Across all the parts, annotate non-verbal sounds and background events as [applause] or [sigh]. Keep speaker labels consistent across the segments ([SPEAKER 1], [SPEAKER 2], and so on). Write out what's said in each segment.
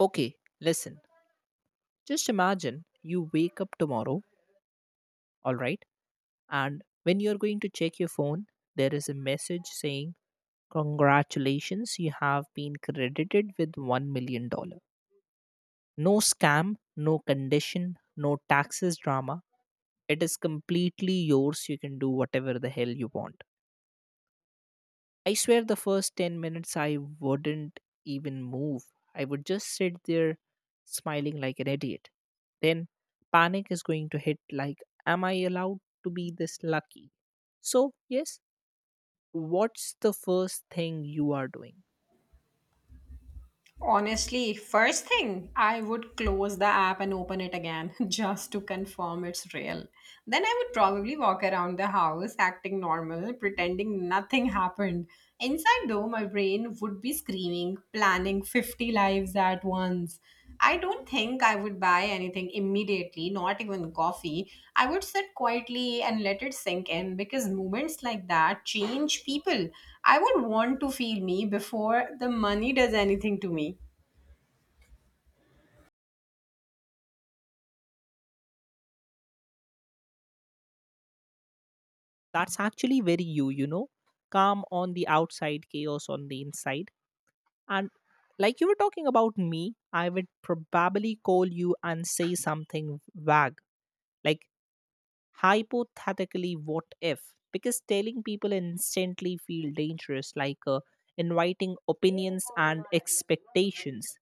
[SPEAKER 1] Okay, listen. Just imagine you wake up tomorrow, all right? And when you're going to check your phone, there is a message saying, "Congratulations, you have been credited with $1 million dollars." No scam, no condition, no taxes drama. It is completely yours. You can do whatever the hell you want. I swear the first 10 minutes I wouldn't even move. I would just sit there smiling like an idiot. Then panic is going to hit, like, am I allowed to be this lucky? So, yes, what's the first thing you are doing?
[SPEAKER 2] Honestly, first thing, I would close the app and open it again [laughs] just to confirm it's real. Then I would probably walk around the house acting normal, pretending nothing happened. Inside, though, my brain would be screaming, planning 50 lives at once. I don't think I would buy anything immediately, not even coffee. I would sit quietly and let it sink in because moments like that change people. I would want to feel me before the money does anything to me.
[SPEAKER 1] That's actually very you, you know? Calm on the outside, chaos on the inside. And like you were talking about me, I would probably call you and say something vague, like, hypothetically, what if? Because telling people instantly feel dangerous, like, inviting opinions and expectations.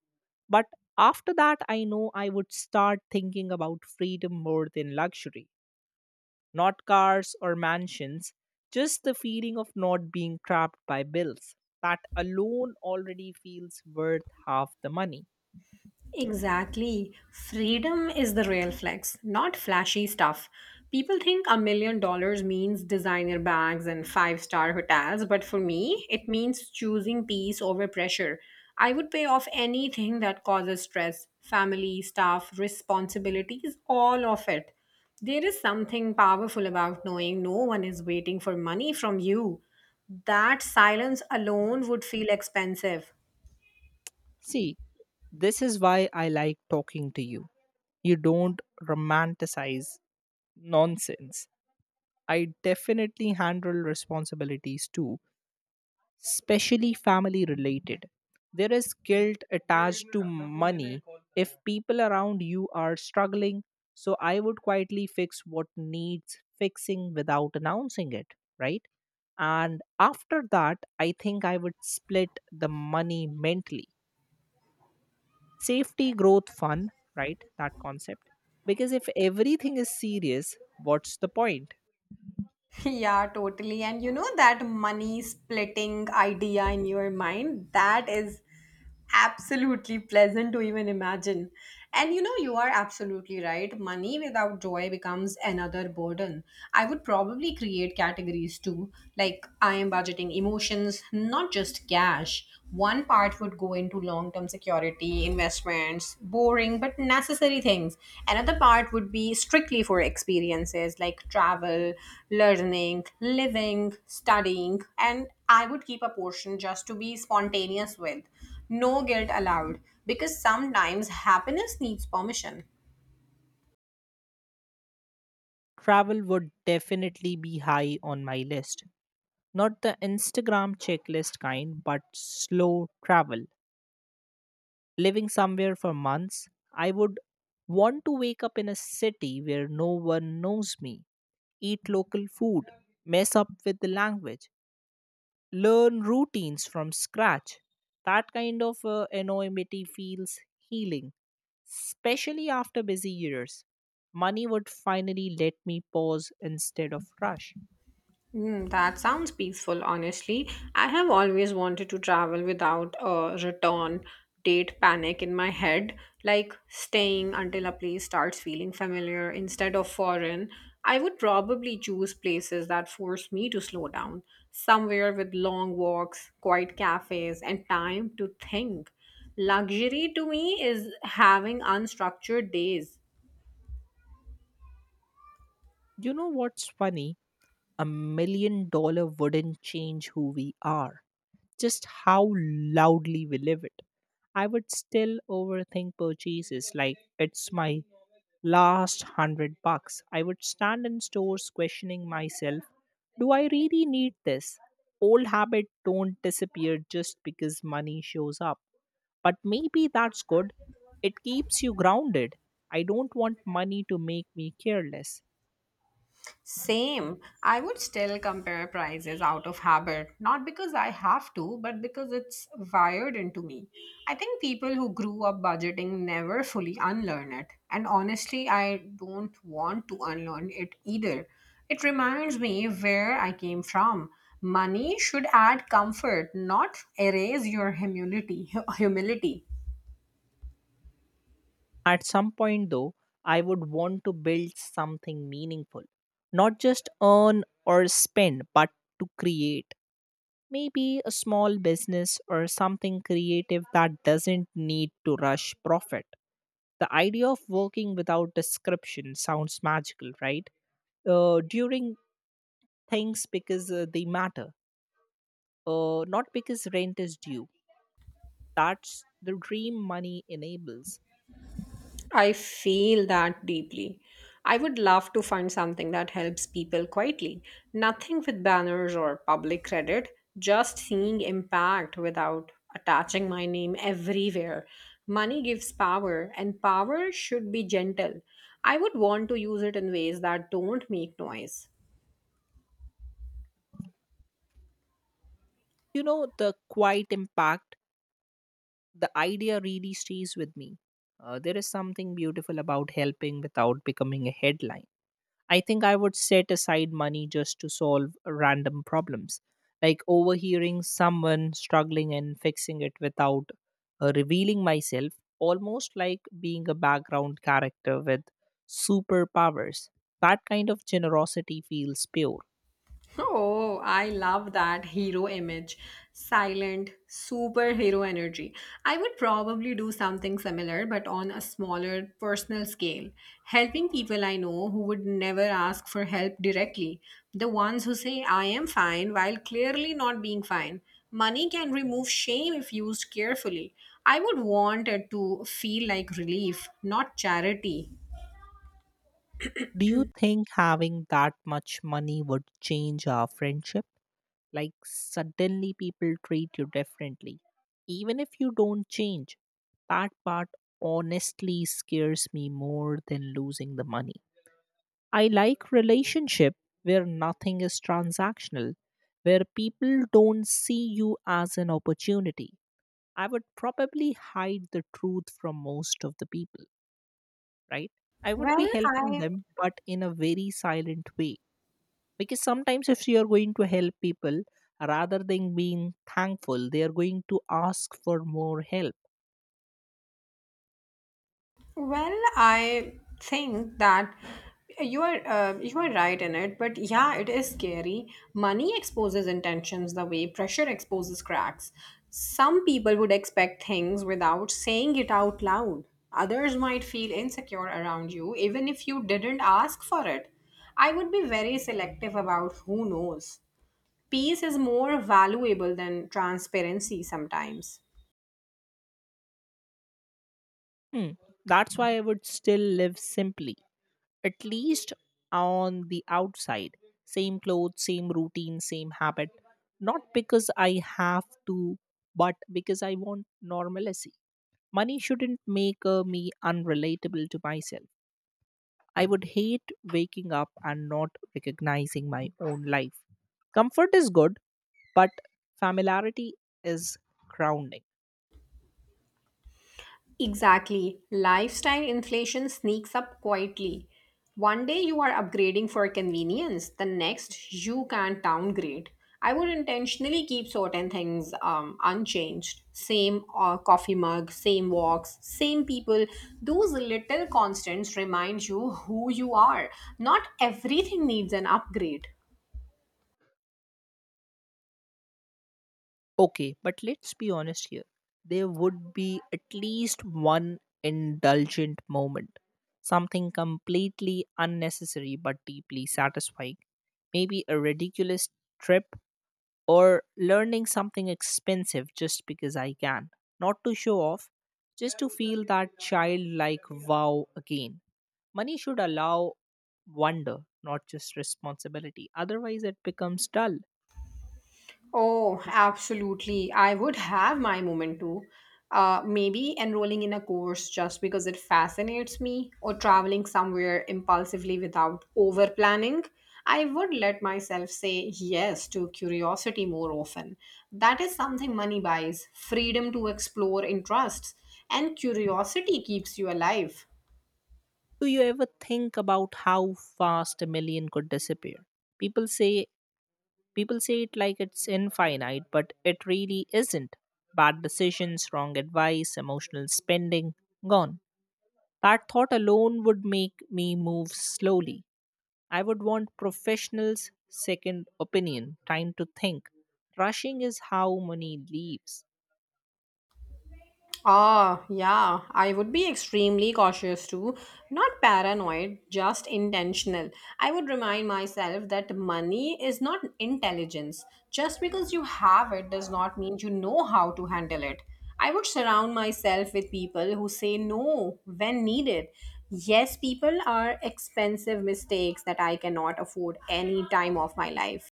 [SPEAKER 1] But after that, I know I would start thinking about freedom more than luxury, not cars or mansions, just the feeling of not being trapped by bills. That alone already feels worth half the money.
[SPEAKER 2] Exactly. Freedom is the real flex, not flashy stuff. People think $1 million means designer bags and five-star hotels, but for me, it means choosing peace over pressure. I would pay off anything that causes stress family, staff, responsibilities, all of it. There is something powerful about knowing no one is waiting for money from you. That silence alone would feel expensive.
[SPEAKER 1] See, this is why I like talking to you. You don't romanticize nonsense. I definitely handle responsibilities too, especially family related. There is guilt attached to money if people around you are struggling. So I would quietly fix what needs fixing without announcing it, right? And after that, I think I would split the money mentally: safety, growth, fun, right, that concept. Because if everything is serious, what's the point?
[SPEAKER 2] Yeah, totally. And you know that money splitting idea in your mind, that is absolutely pleasant to even imagine. And you know, you are absolutely right. Money without joy becomes another burden. I would probably create categories too. Like, I am budgeting emotions, not just cash. One part would go into long term security, investments, boring but necessary things. Another part would be strictly for experiences like travel, learning, living, studying. And I would keep a portion just to be spontaneous with. No guilt allowed, because sometimes happiness needs permission.
[SPEAKER 1] Travel would definitely be high on my list, not the Instagram checklist kind, but slow travel, living somewhere for months. I would want to wake up in a city where no one knows me, eat local food, mess up with the language, learn routines from scratch. That kind of anonymity feels healing, especially after busy years. Money would finally let me pause instead of rush.
[SPEAKER 2] Hmm, that sounds peaceful, honestly. I have always wanted to travel without a return date panic in my head, like staying until a place starts feeling familiar instead of foreign. I would probably choose places that force me to slow down, somewhere with long walks, quiet cafes, and time to think. Luxury to me is having unstructured days.
[SPEAKER 1] You know what's funny? $1 million wouldn't change who we are, just how loudly we live it. I would still overthink purchases like it's my last 100 bucks. I would stand in stores questioning myself, do I really need this? Old habits don't disappear just because money shows up. But maybe that's good. It keeps you grounded. I don't want money to make me careless.
[SPEAKER 2] Same. I would still compare prices out of habit, not because I have to, but because it's wired into me. I think people who grew up budgeting never fully unlearn it. And honestly, I don't want to unlearn it either. It reminds me where I came from. Money should add comfort, not erase your humility. [laughs] Humility.
[SPEAKER 1] At some point, though, I would want to build something meaningful, not just earn or spend, but to create. Maybe a small business or something creative that doesn't need to rush profit. The idea of working without description sounds magical, right? During things because they matter, not because rent is due. That's the dream money enables.
[SPEAKER 2] I feel that deeply. I would love to find something that helps people quietly. Nothing with banners or public credit, just seeing impact without attaching my name everywhere. Money gives power, and power should be gentle. I would want to use it in ways that don't make noise.
[SPEAKER 1] The quiet impact, the idea really stays with me. There is something beautiful about helping without becoming a headline. I think I would set aside money just to solve random problems, like overhearing someone struggling and fixing it without revealing myself, almost like being a background character with superpowers. That kind of generosity feels pure.
[SPEAKER 2] Oh, I love that hero image. Silent, superhero energy. I would probably do something similar, but on a smaller personal scale. Helping people I know who would never ask for help directly. The ones who say, I am fine, while clearly not being fine. Money can remove shame if used carefully. I would want it to feel like relief, not charity.
[SPEAKER 1] Do you think having that much money would change our friendship? Like, suddenly people treat you differently, even if you don't change. That part honestly scares me more than losing the money. I like relationship where nothing is transactional, where people don't see you as an opportunity. I would probably hide the truth from most of the people, right? I would
[SPEAKER 2] Well,
[SPEAKER 1] be helping
[SPEAKER 2] I
[SPEAKER 1] them, but in a very silent way, because sometimes if you are going to help people, rather than being thankful, they are going to ask for more help.
[SPEAKER 2] Well, I think that you are right in it, but yeah, it is scary. Money exposes intentions the way pressure exposes cracks. Some people would expect things without saying it out loud. Others might feel insecure around you even if you didn't ask for it. I would be very selective about who knows. Peace is more valuable than transparency sometimes.
[SPEAKER 1] Hmm. That's why I would still live simply, at least on the outside. Same clothes, same routine, same habit. Not because I have to, but because I want normalcy. Money shouldn't make me unrelatable to myself. I would hate waking up and not recognizing my own life. Comfort is good, but familiarity is grounding.
[SPEAKER 2] Exactly. Lifestyle inflation sneaks up quietly. One day you are upgrading for convenience, the next you can't downgrade. I would intentionally keep certain things unchanged. Same coffee mug, same walks, same people. Those little constants remind you who you are. Not everything needs an upgrade.
[SPEAKER 1] Okay, but let's be honest here. There would be at least one indulgent moment, something completely unnecessary but deeply satisfying. Maybe a ridiculous trip or learning something expensive just because I can. Not to show off, just to feel that childlike wow again. Money should allow wonder, not just responsibility. Otherwise, it becomes dull.
[SPEAKER 2] Oh, absolutely. I would have my moment too. Maybe enrolling in a course just because it fascinates me, or traveling somewhere impulsively without over planning. I would let myself say yes to curiosity more often. That is something money buys freedom to explore interests, and curiosity keeps you alive.
[SPEAKER 1] Do you ever think about how fast a million could disappear? People say people say it like it's infinite, but it really isn't. Bad decisions, wrong advice, emotional spending, gone. That thought alone would make me move slowly. I would want professionals' second opinion, time to think. Rushing is how money leaves.
[SPEAKER 2] Ah, yeah, I would be extremely cautious too. Not paranoid, just intentional. I would remind myself that money is not intelligence. Just because you have it does not mean you know how to handle it. I would surround myself with people who say no when needed. Yes, people are expensive mistakes that I cannot afford any time of my life.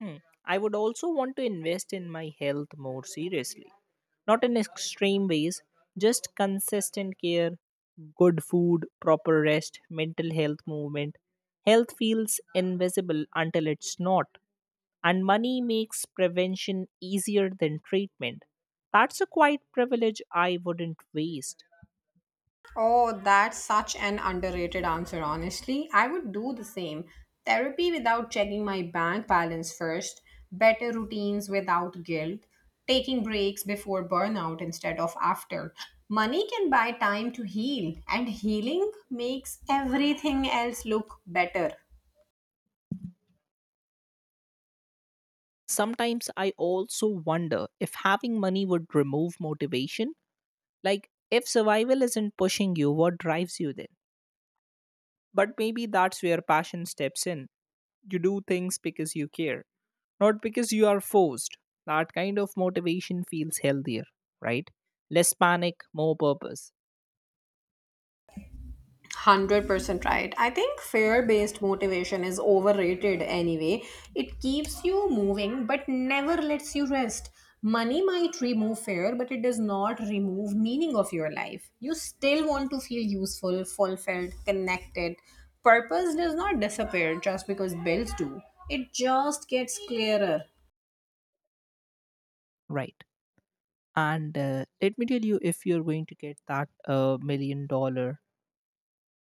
[SPEAKER 1] Hmm. I would also want to invest in my health more seriously. Not in extreme ways, just consistent care, good food, proper rest, mental health movement. Health feels invisible until it's not, and money makes prevention easier than treatment. That's a quiet privilege I wouldn't waste.
[SPEAKER 2] Oh, that's such an underrated answer, honestly. I would do the same. Therapy without checking my bank balance first, better routines without guilt, taking breaks before burnout instead of after. Money can buy time to heal, and healing makes everything else look better.
[SPEAKER 1] Sometimes I also wonder if having money would remove motivation. Like, if survival isn't pushing you, what drives you then? But maybe that's where passion steps in. You do things because you care, not because you are forced. That kind of motivation feels healthier, right? Less panic, more purpose.
[SPEAKER 2] 100% right. I think fear based motivation is overrated anyway. It keeps you moving but never lets you rest. Money might remove fear, but it does not remove meaning of your life. You still want to feel useful, fulfilled, connected. Purpose does not disappear just because bills do. It just gets clearer.
[SPEAKER 1] Right. And let me tell you, if you're going to get that million dollar,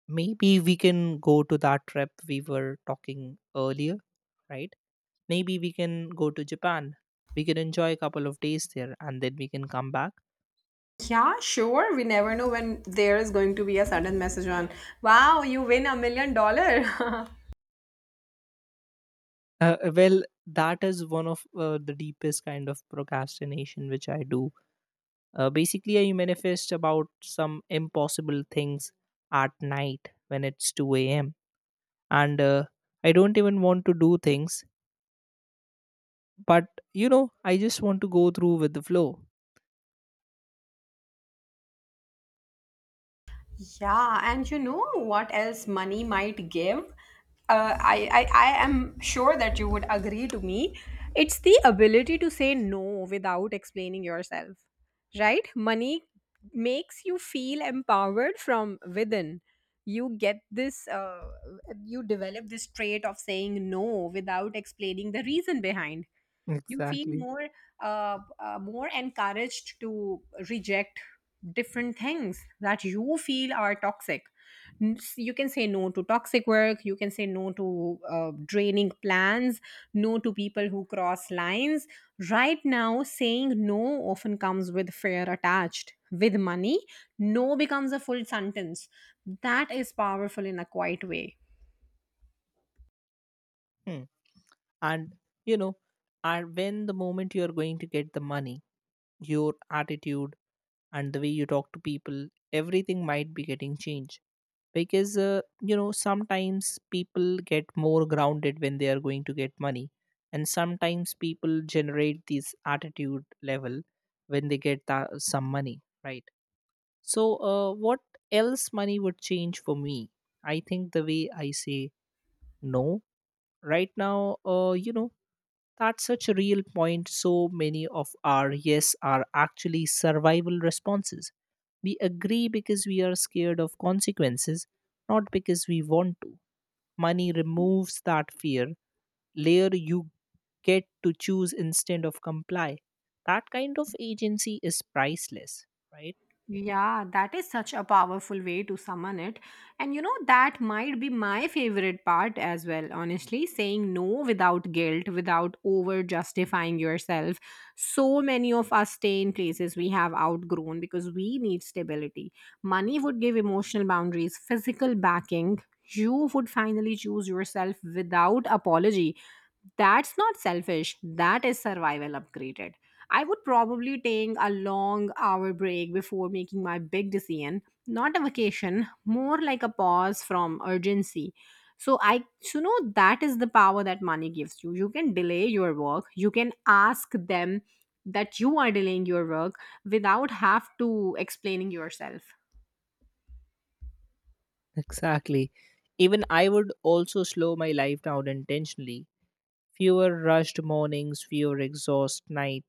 [SPEAKER 1] maybe we can go to that trip we were talking earlier, right? Maybe we can go to Japan. We can enjoy a couple of days there and then we can come back.
[SPEAKER 2] Yeah, sure. We never know when there is going to be a sudden message on, wow, you win $1 million. [laughs]
[SPEAKER 1] Well, that is one of the deepest kind of procrastination which I do. Basically, I manifest about some impossible things at night when it's 2 a.m. And I don't even want to do things, but I just want to go through with the flow.
[SPEAKER 2] Yeah, and you know what else money might give? I am sure that you would agree to me. It's the ability to say no without explaining yourself, right? Money makes you feel empowered from within. You get this, uh, you develop this trait of saying no without explaining the reason behind. You feel
[SPEAKER 1] Exactly.
[SPEAKER 2] more encouraged to reject different things that you feel are toxic. You can say no to toxic work, you can say no to draining plans, no to people who cross lines. Right now, saying no often comes with fear attached. With money, no becomes a full sentence that is powerful in a quiet way.
[SPEAKER 1] Hmm. And you know, and when the moment you are going to get the money, your attitude and the way you talk to people, everything might be getting changed, because sometimes people get more grounded when they are going to get money, and sometimes people generate this attitude level when they get some money, right? So, what else money would change for me? I think the way I say no right now. That's such a real point. So many of our yes are actually survival responses. We agree because we are scared of consequences, not because we want to. Money removes that fear layer. You get to choose instead of comply. That kind of agency is priceless, right?
[SPEAKER 2] Yeah, that is such a powerful way to summon it. And you know, that might be my favorite part as well, honestly, saying no without guilt, without over justifying yourself. So many of us stay in places we have outgrown because we need stability. Money would give emotional boundaries, physical backing. You would finally choose yourself without apology. That's not selfish, that is survival upgraded. I would probably take a long hour break before making my big decision. Not a vacation, more like a pause from urgency. So I so know that is the power that money gives you. You can delay your work, you can ask them that you are delaying your work without have to explaining yourself.
[SPEAKER 1] Exactly. Even I would also slow my life down intentionally. Fewer rushed mornings, fewer exhaust night.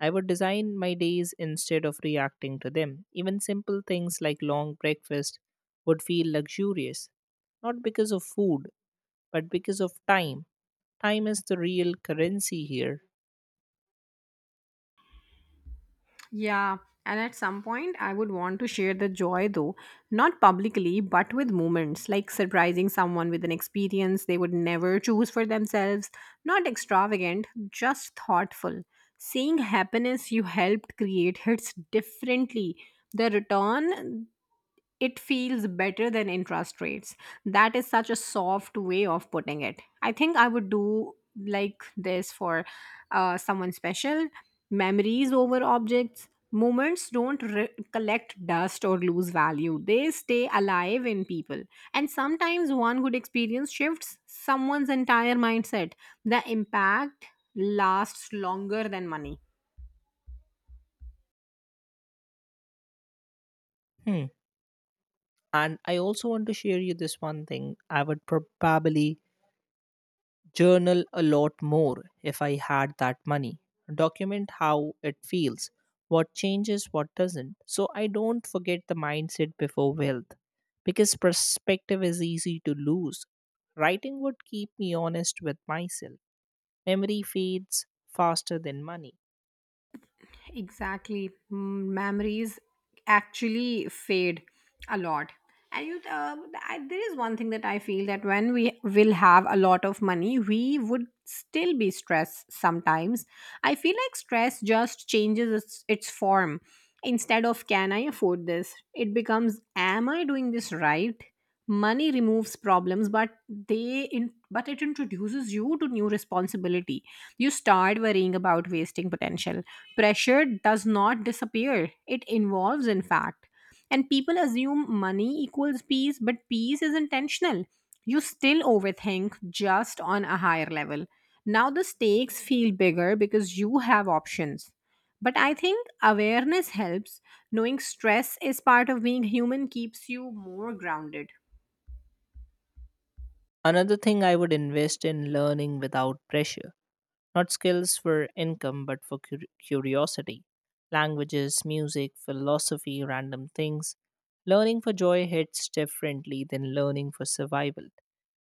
[SPEAKER 1] I would design my days instead of reacting to them. Even simple things like long breakfast would feel luxurious, not because of food, but because of time. Time is the real currency here.
[SPEAKER 2] Yeah, and at some point, I would want to share the joy though, not publicly, but with moments like surprising someone with an experience they would never choose for themselves, not extravagant, just thoughtful. Seeing happiness you helped create hits differently. The return it feels better than interest rates. That is such a soft way of putting it. I think I would do like this for someone special. Memories over objects. Moments don't collect dust or lose value, they stay alive in people. And sometimes one good experience shifts someone's entire mindset. The impact lasts longer than money.
[SPEAKER 1] Hmm. And I also want to share you this one thing. I would probably journal a lot more if I had that money. Document how it feels, what changes, what doesn't. So I don't forget the mindset before wealth, because perspective is easy to lose. Writing would keep me honest with myself. Memory fades faster than money.
[SPEAKER 2] Exactly. Memories actually fade a lot. And there is one thing that I feel that when we will have a lot of money, we would still be stressed sometimes. I feel like stress just changes its form. Instead of can I afford this, it becomes am I doing this right? Money removes problems, but but it introduces you to new responsibility. You start worrying about wasting potential. Pressure does not disappear; it involves, in fact. And people assume money equals peace, but peace is intentional. You still overthink just on a higher level. Now the stakes feel bigger because you have options. But I think awareness helps. Knowing stress is part of being human keeps you more grounded.
[SPEAKER 1] Another thing I would invest in: learning without pressure. Not skills for income, but for curiosity. Languages, music, philosophy, random things. Learning for joy hits differently than learning for survival.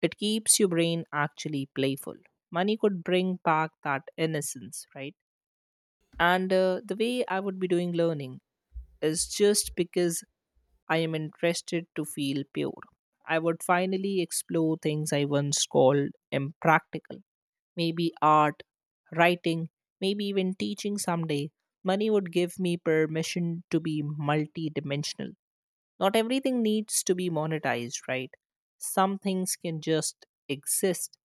[SPEAKER 1] It keeps your brain actually playful. Money could bring back that innocence, right? And the way I would be doing learning is just because I am interested to feel pure. I would finally explore things I once called impractical, maybe art, writing, maybe even teaching someday. Money would give me permission to be multidimensional. Not everything needs to be monetized, right? Some things can just exist.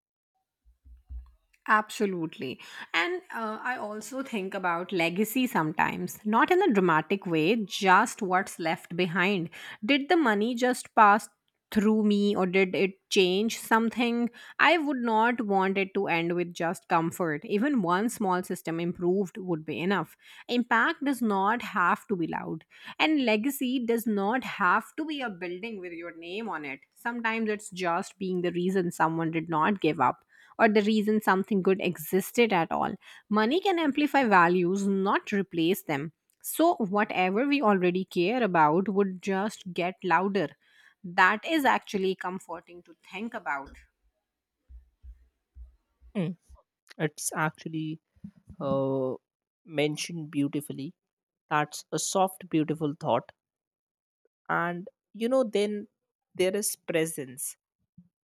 [SPEAKER 2] Absolutely. And I also think about legacy sometimes, not in a dramatic way, just what's left behind. Did the money just pass through me or did it change something? I would not want it to end with just comfort. Even one small system improved would be enough. Impact does not have to be loud, and legacy does not have to be a building with your name on it. Sometimes it's just being the reason someone did not give up or the reason something good existed at all. Money can amplify values, not replace them. So, whatever we already care about would just get louder. That is actually comforting to think about.
[SPEAKER 1] Mm, It's actually uh, mentioned beautifully. That's a soft, beautiful thought. And then there is presence.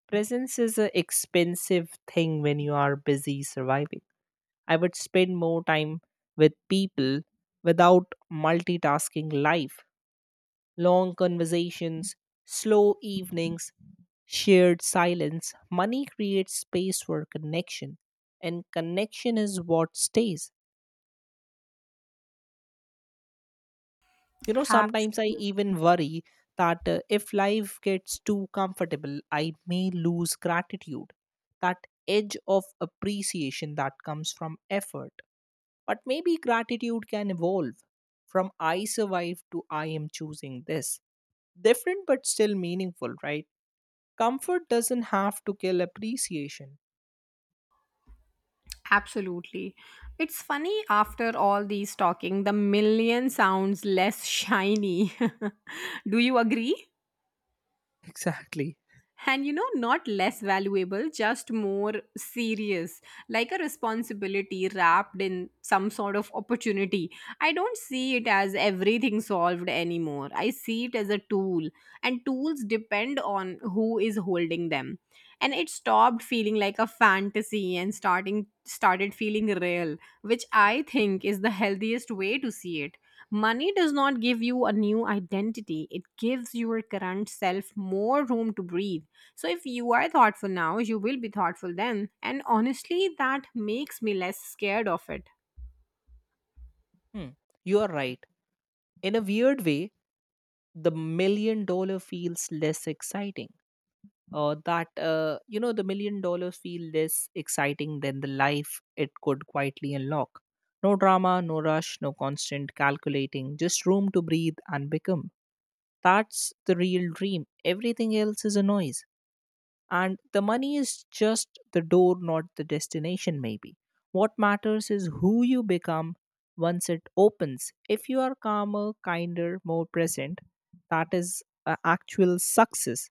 [SPEAKER 1] Presence is an expensive thing when you are busy surviving. I would spend more time with people without multitasking life. Long conversations, slow evenings, shared silence. Money creates space for connection, and connection is what stays. Sometimes I
[SPEAKER 2] Absolutely.
[SPEAKER 1] even worry that if life gets too comfortable, I may lose gratitude, that edge of appreciation that comes from effort. But maybe gratitude can evolve from I survived to I am choosing this. Different but still meaningful, right? Comfort doesn't have to kill appreciation.
[SPEAKER 2] Absolutely. It's funny after all these talking, the million sounds less shiny. [laughs] Do you agree?
[SPEAKER 1] [laughs] Exactly.
[SPEAKER 2] And you know, not less valuable, just more serious, like a responsibility wrapped in some sort of opportunity. I don't see it as everything solved anymore, I see it as a tool, and tools depend on who is holding them. And it stopped feeling like a fantasy and starting started feeling real, which I think is the healthiest way to see it. Money does not give you a new identity, it gives your current self more room to breathe. So if you are thoughtful now, you will be thoughtful then. And honestly, that makes me less scared of it.
[SPEAKER 1] Hmm. You are right. In a weird way, the million dollar feels less exciting, that you know the million dollars feel less exciting than the life it could quietly unlock. No drama, no rush, no constant calculating, just room to breathe and become. That's the real dream. Everything else is a noise, and the money is just the door, not the destination. Maybe what matters is who you become once it opens. If you are calmer, kinder, more present, that is a actual success.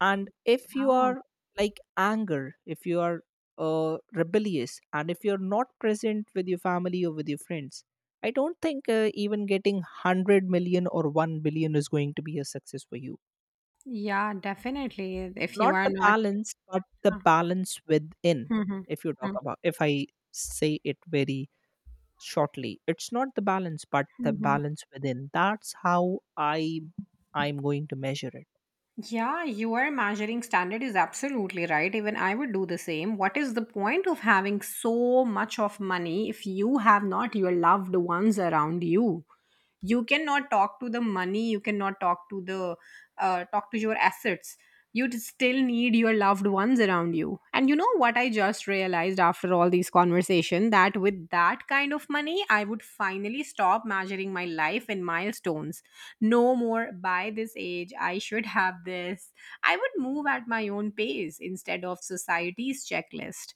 [SPEAKER 1] And if you
[SPEAKER 2] Oh.
[SPEAKER 1] are like anger, if you are rebellious, and if you're not present with your family or with your friends, I don't think even getting 100 million or 1 billion is going to be a success for you.
[SPEAKER 2] Yeah, definitely. If you
[SPEAKER 1] Not
[SPEAKER 2] are
[SPEAKER 1] the
[SPEAKER 2] not.
[SPEAKER 1] balance, but the balance within.
[SPEAKER 2] Mhm.
[SPEAKER 1] If you talk
[SPEAKER 2] Mhm.
[SPEAKER 1] about, if I say it very shortly, it's not the balance but the
[SPEAKER 2] Mhm.
[SPEAKER 1] balance within. That's how i I'm going to measure it. [laughs]
[SPEAKER 2] Yeah, your measuring standard is absolutely right. Even I would do the same. What is the point of having so much of money if you have not your loved ones around you? You cannot talk to the money, you cannot talk to your assets. You still need your loved ones around you. And you know what, I just realized after all these conversation that with that kind of money, I would finally stop measuring my life in milestones. No more by this age I should have this. I would move at my own pace instead of society's checklist.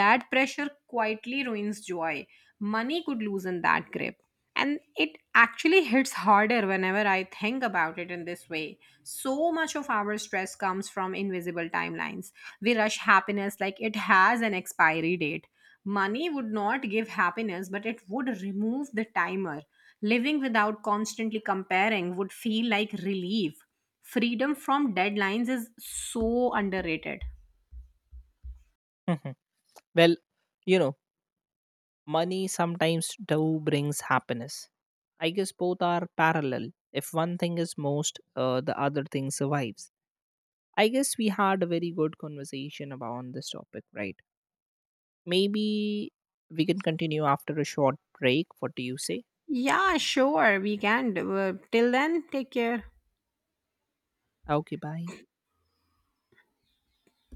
[SPEAKER 2] That pressure quietly ruins joy. Money could loosen that grip. And it actually hits harder whenever I think about it in this way. So much of our stress comes from invisible timelines. We rush happiness like it has an expiry date. Money would not give happiness, but it would remove the timer. Living without constantly comparing would feel like relief. Freedom from deadlines is so underrated.
[SPEAKER 1] Mhm. Well, you know money sometimes too brings happiness. I guess both are parallel. If one thing is most, the other thing survives. I guess we had a very good conversation about on this topic, right? Maybe we can continue after a short break. What do you say?
[SPEAKER 2] Yeah, sure, we can do. Till then, take care.
[SPEAKER 1] Okay, bye.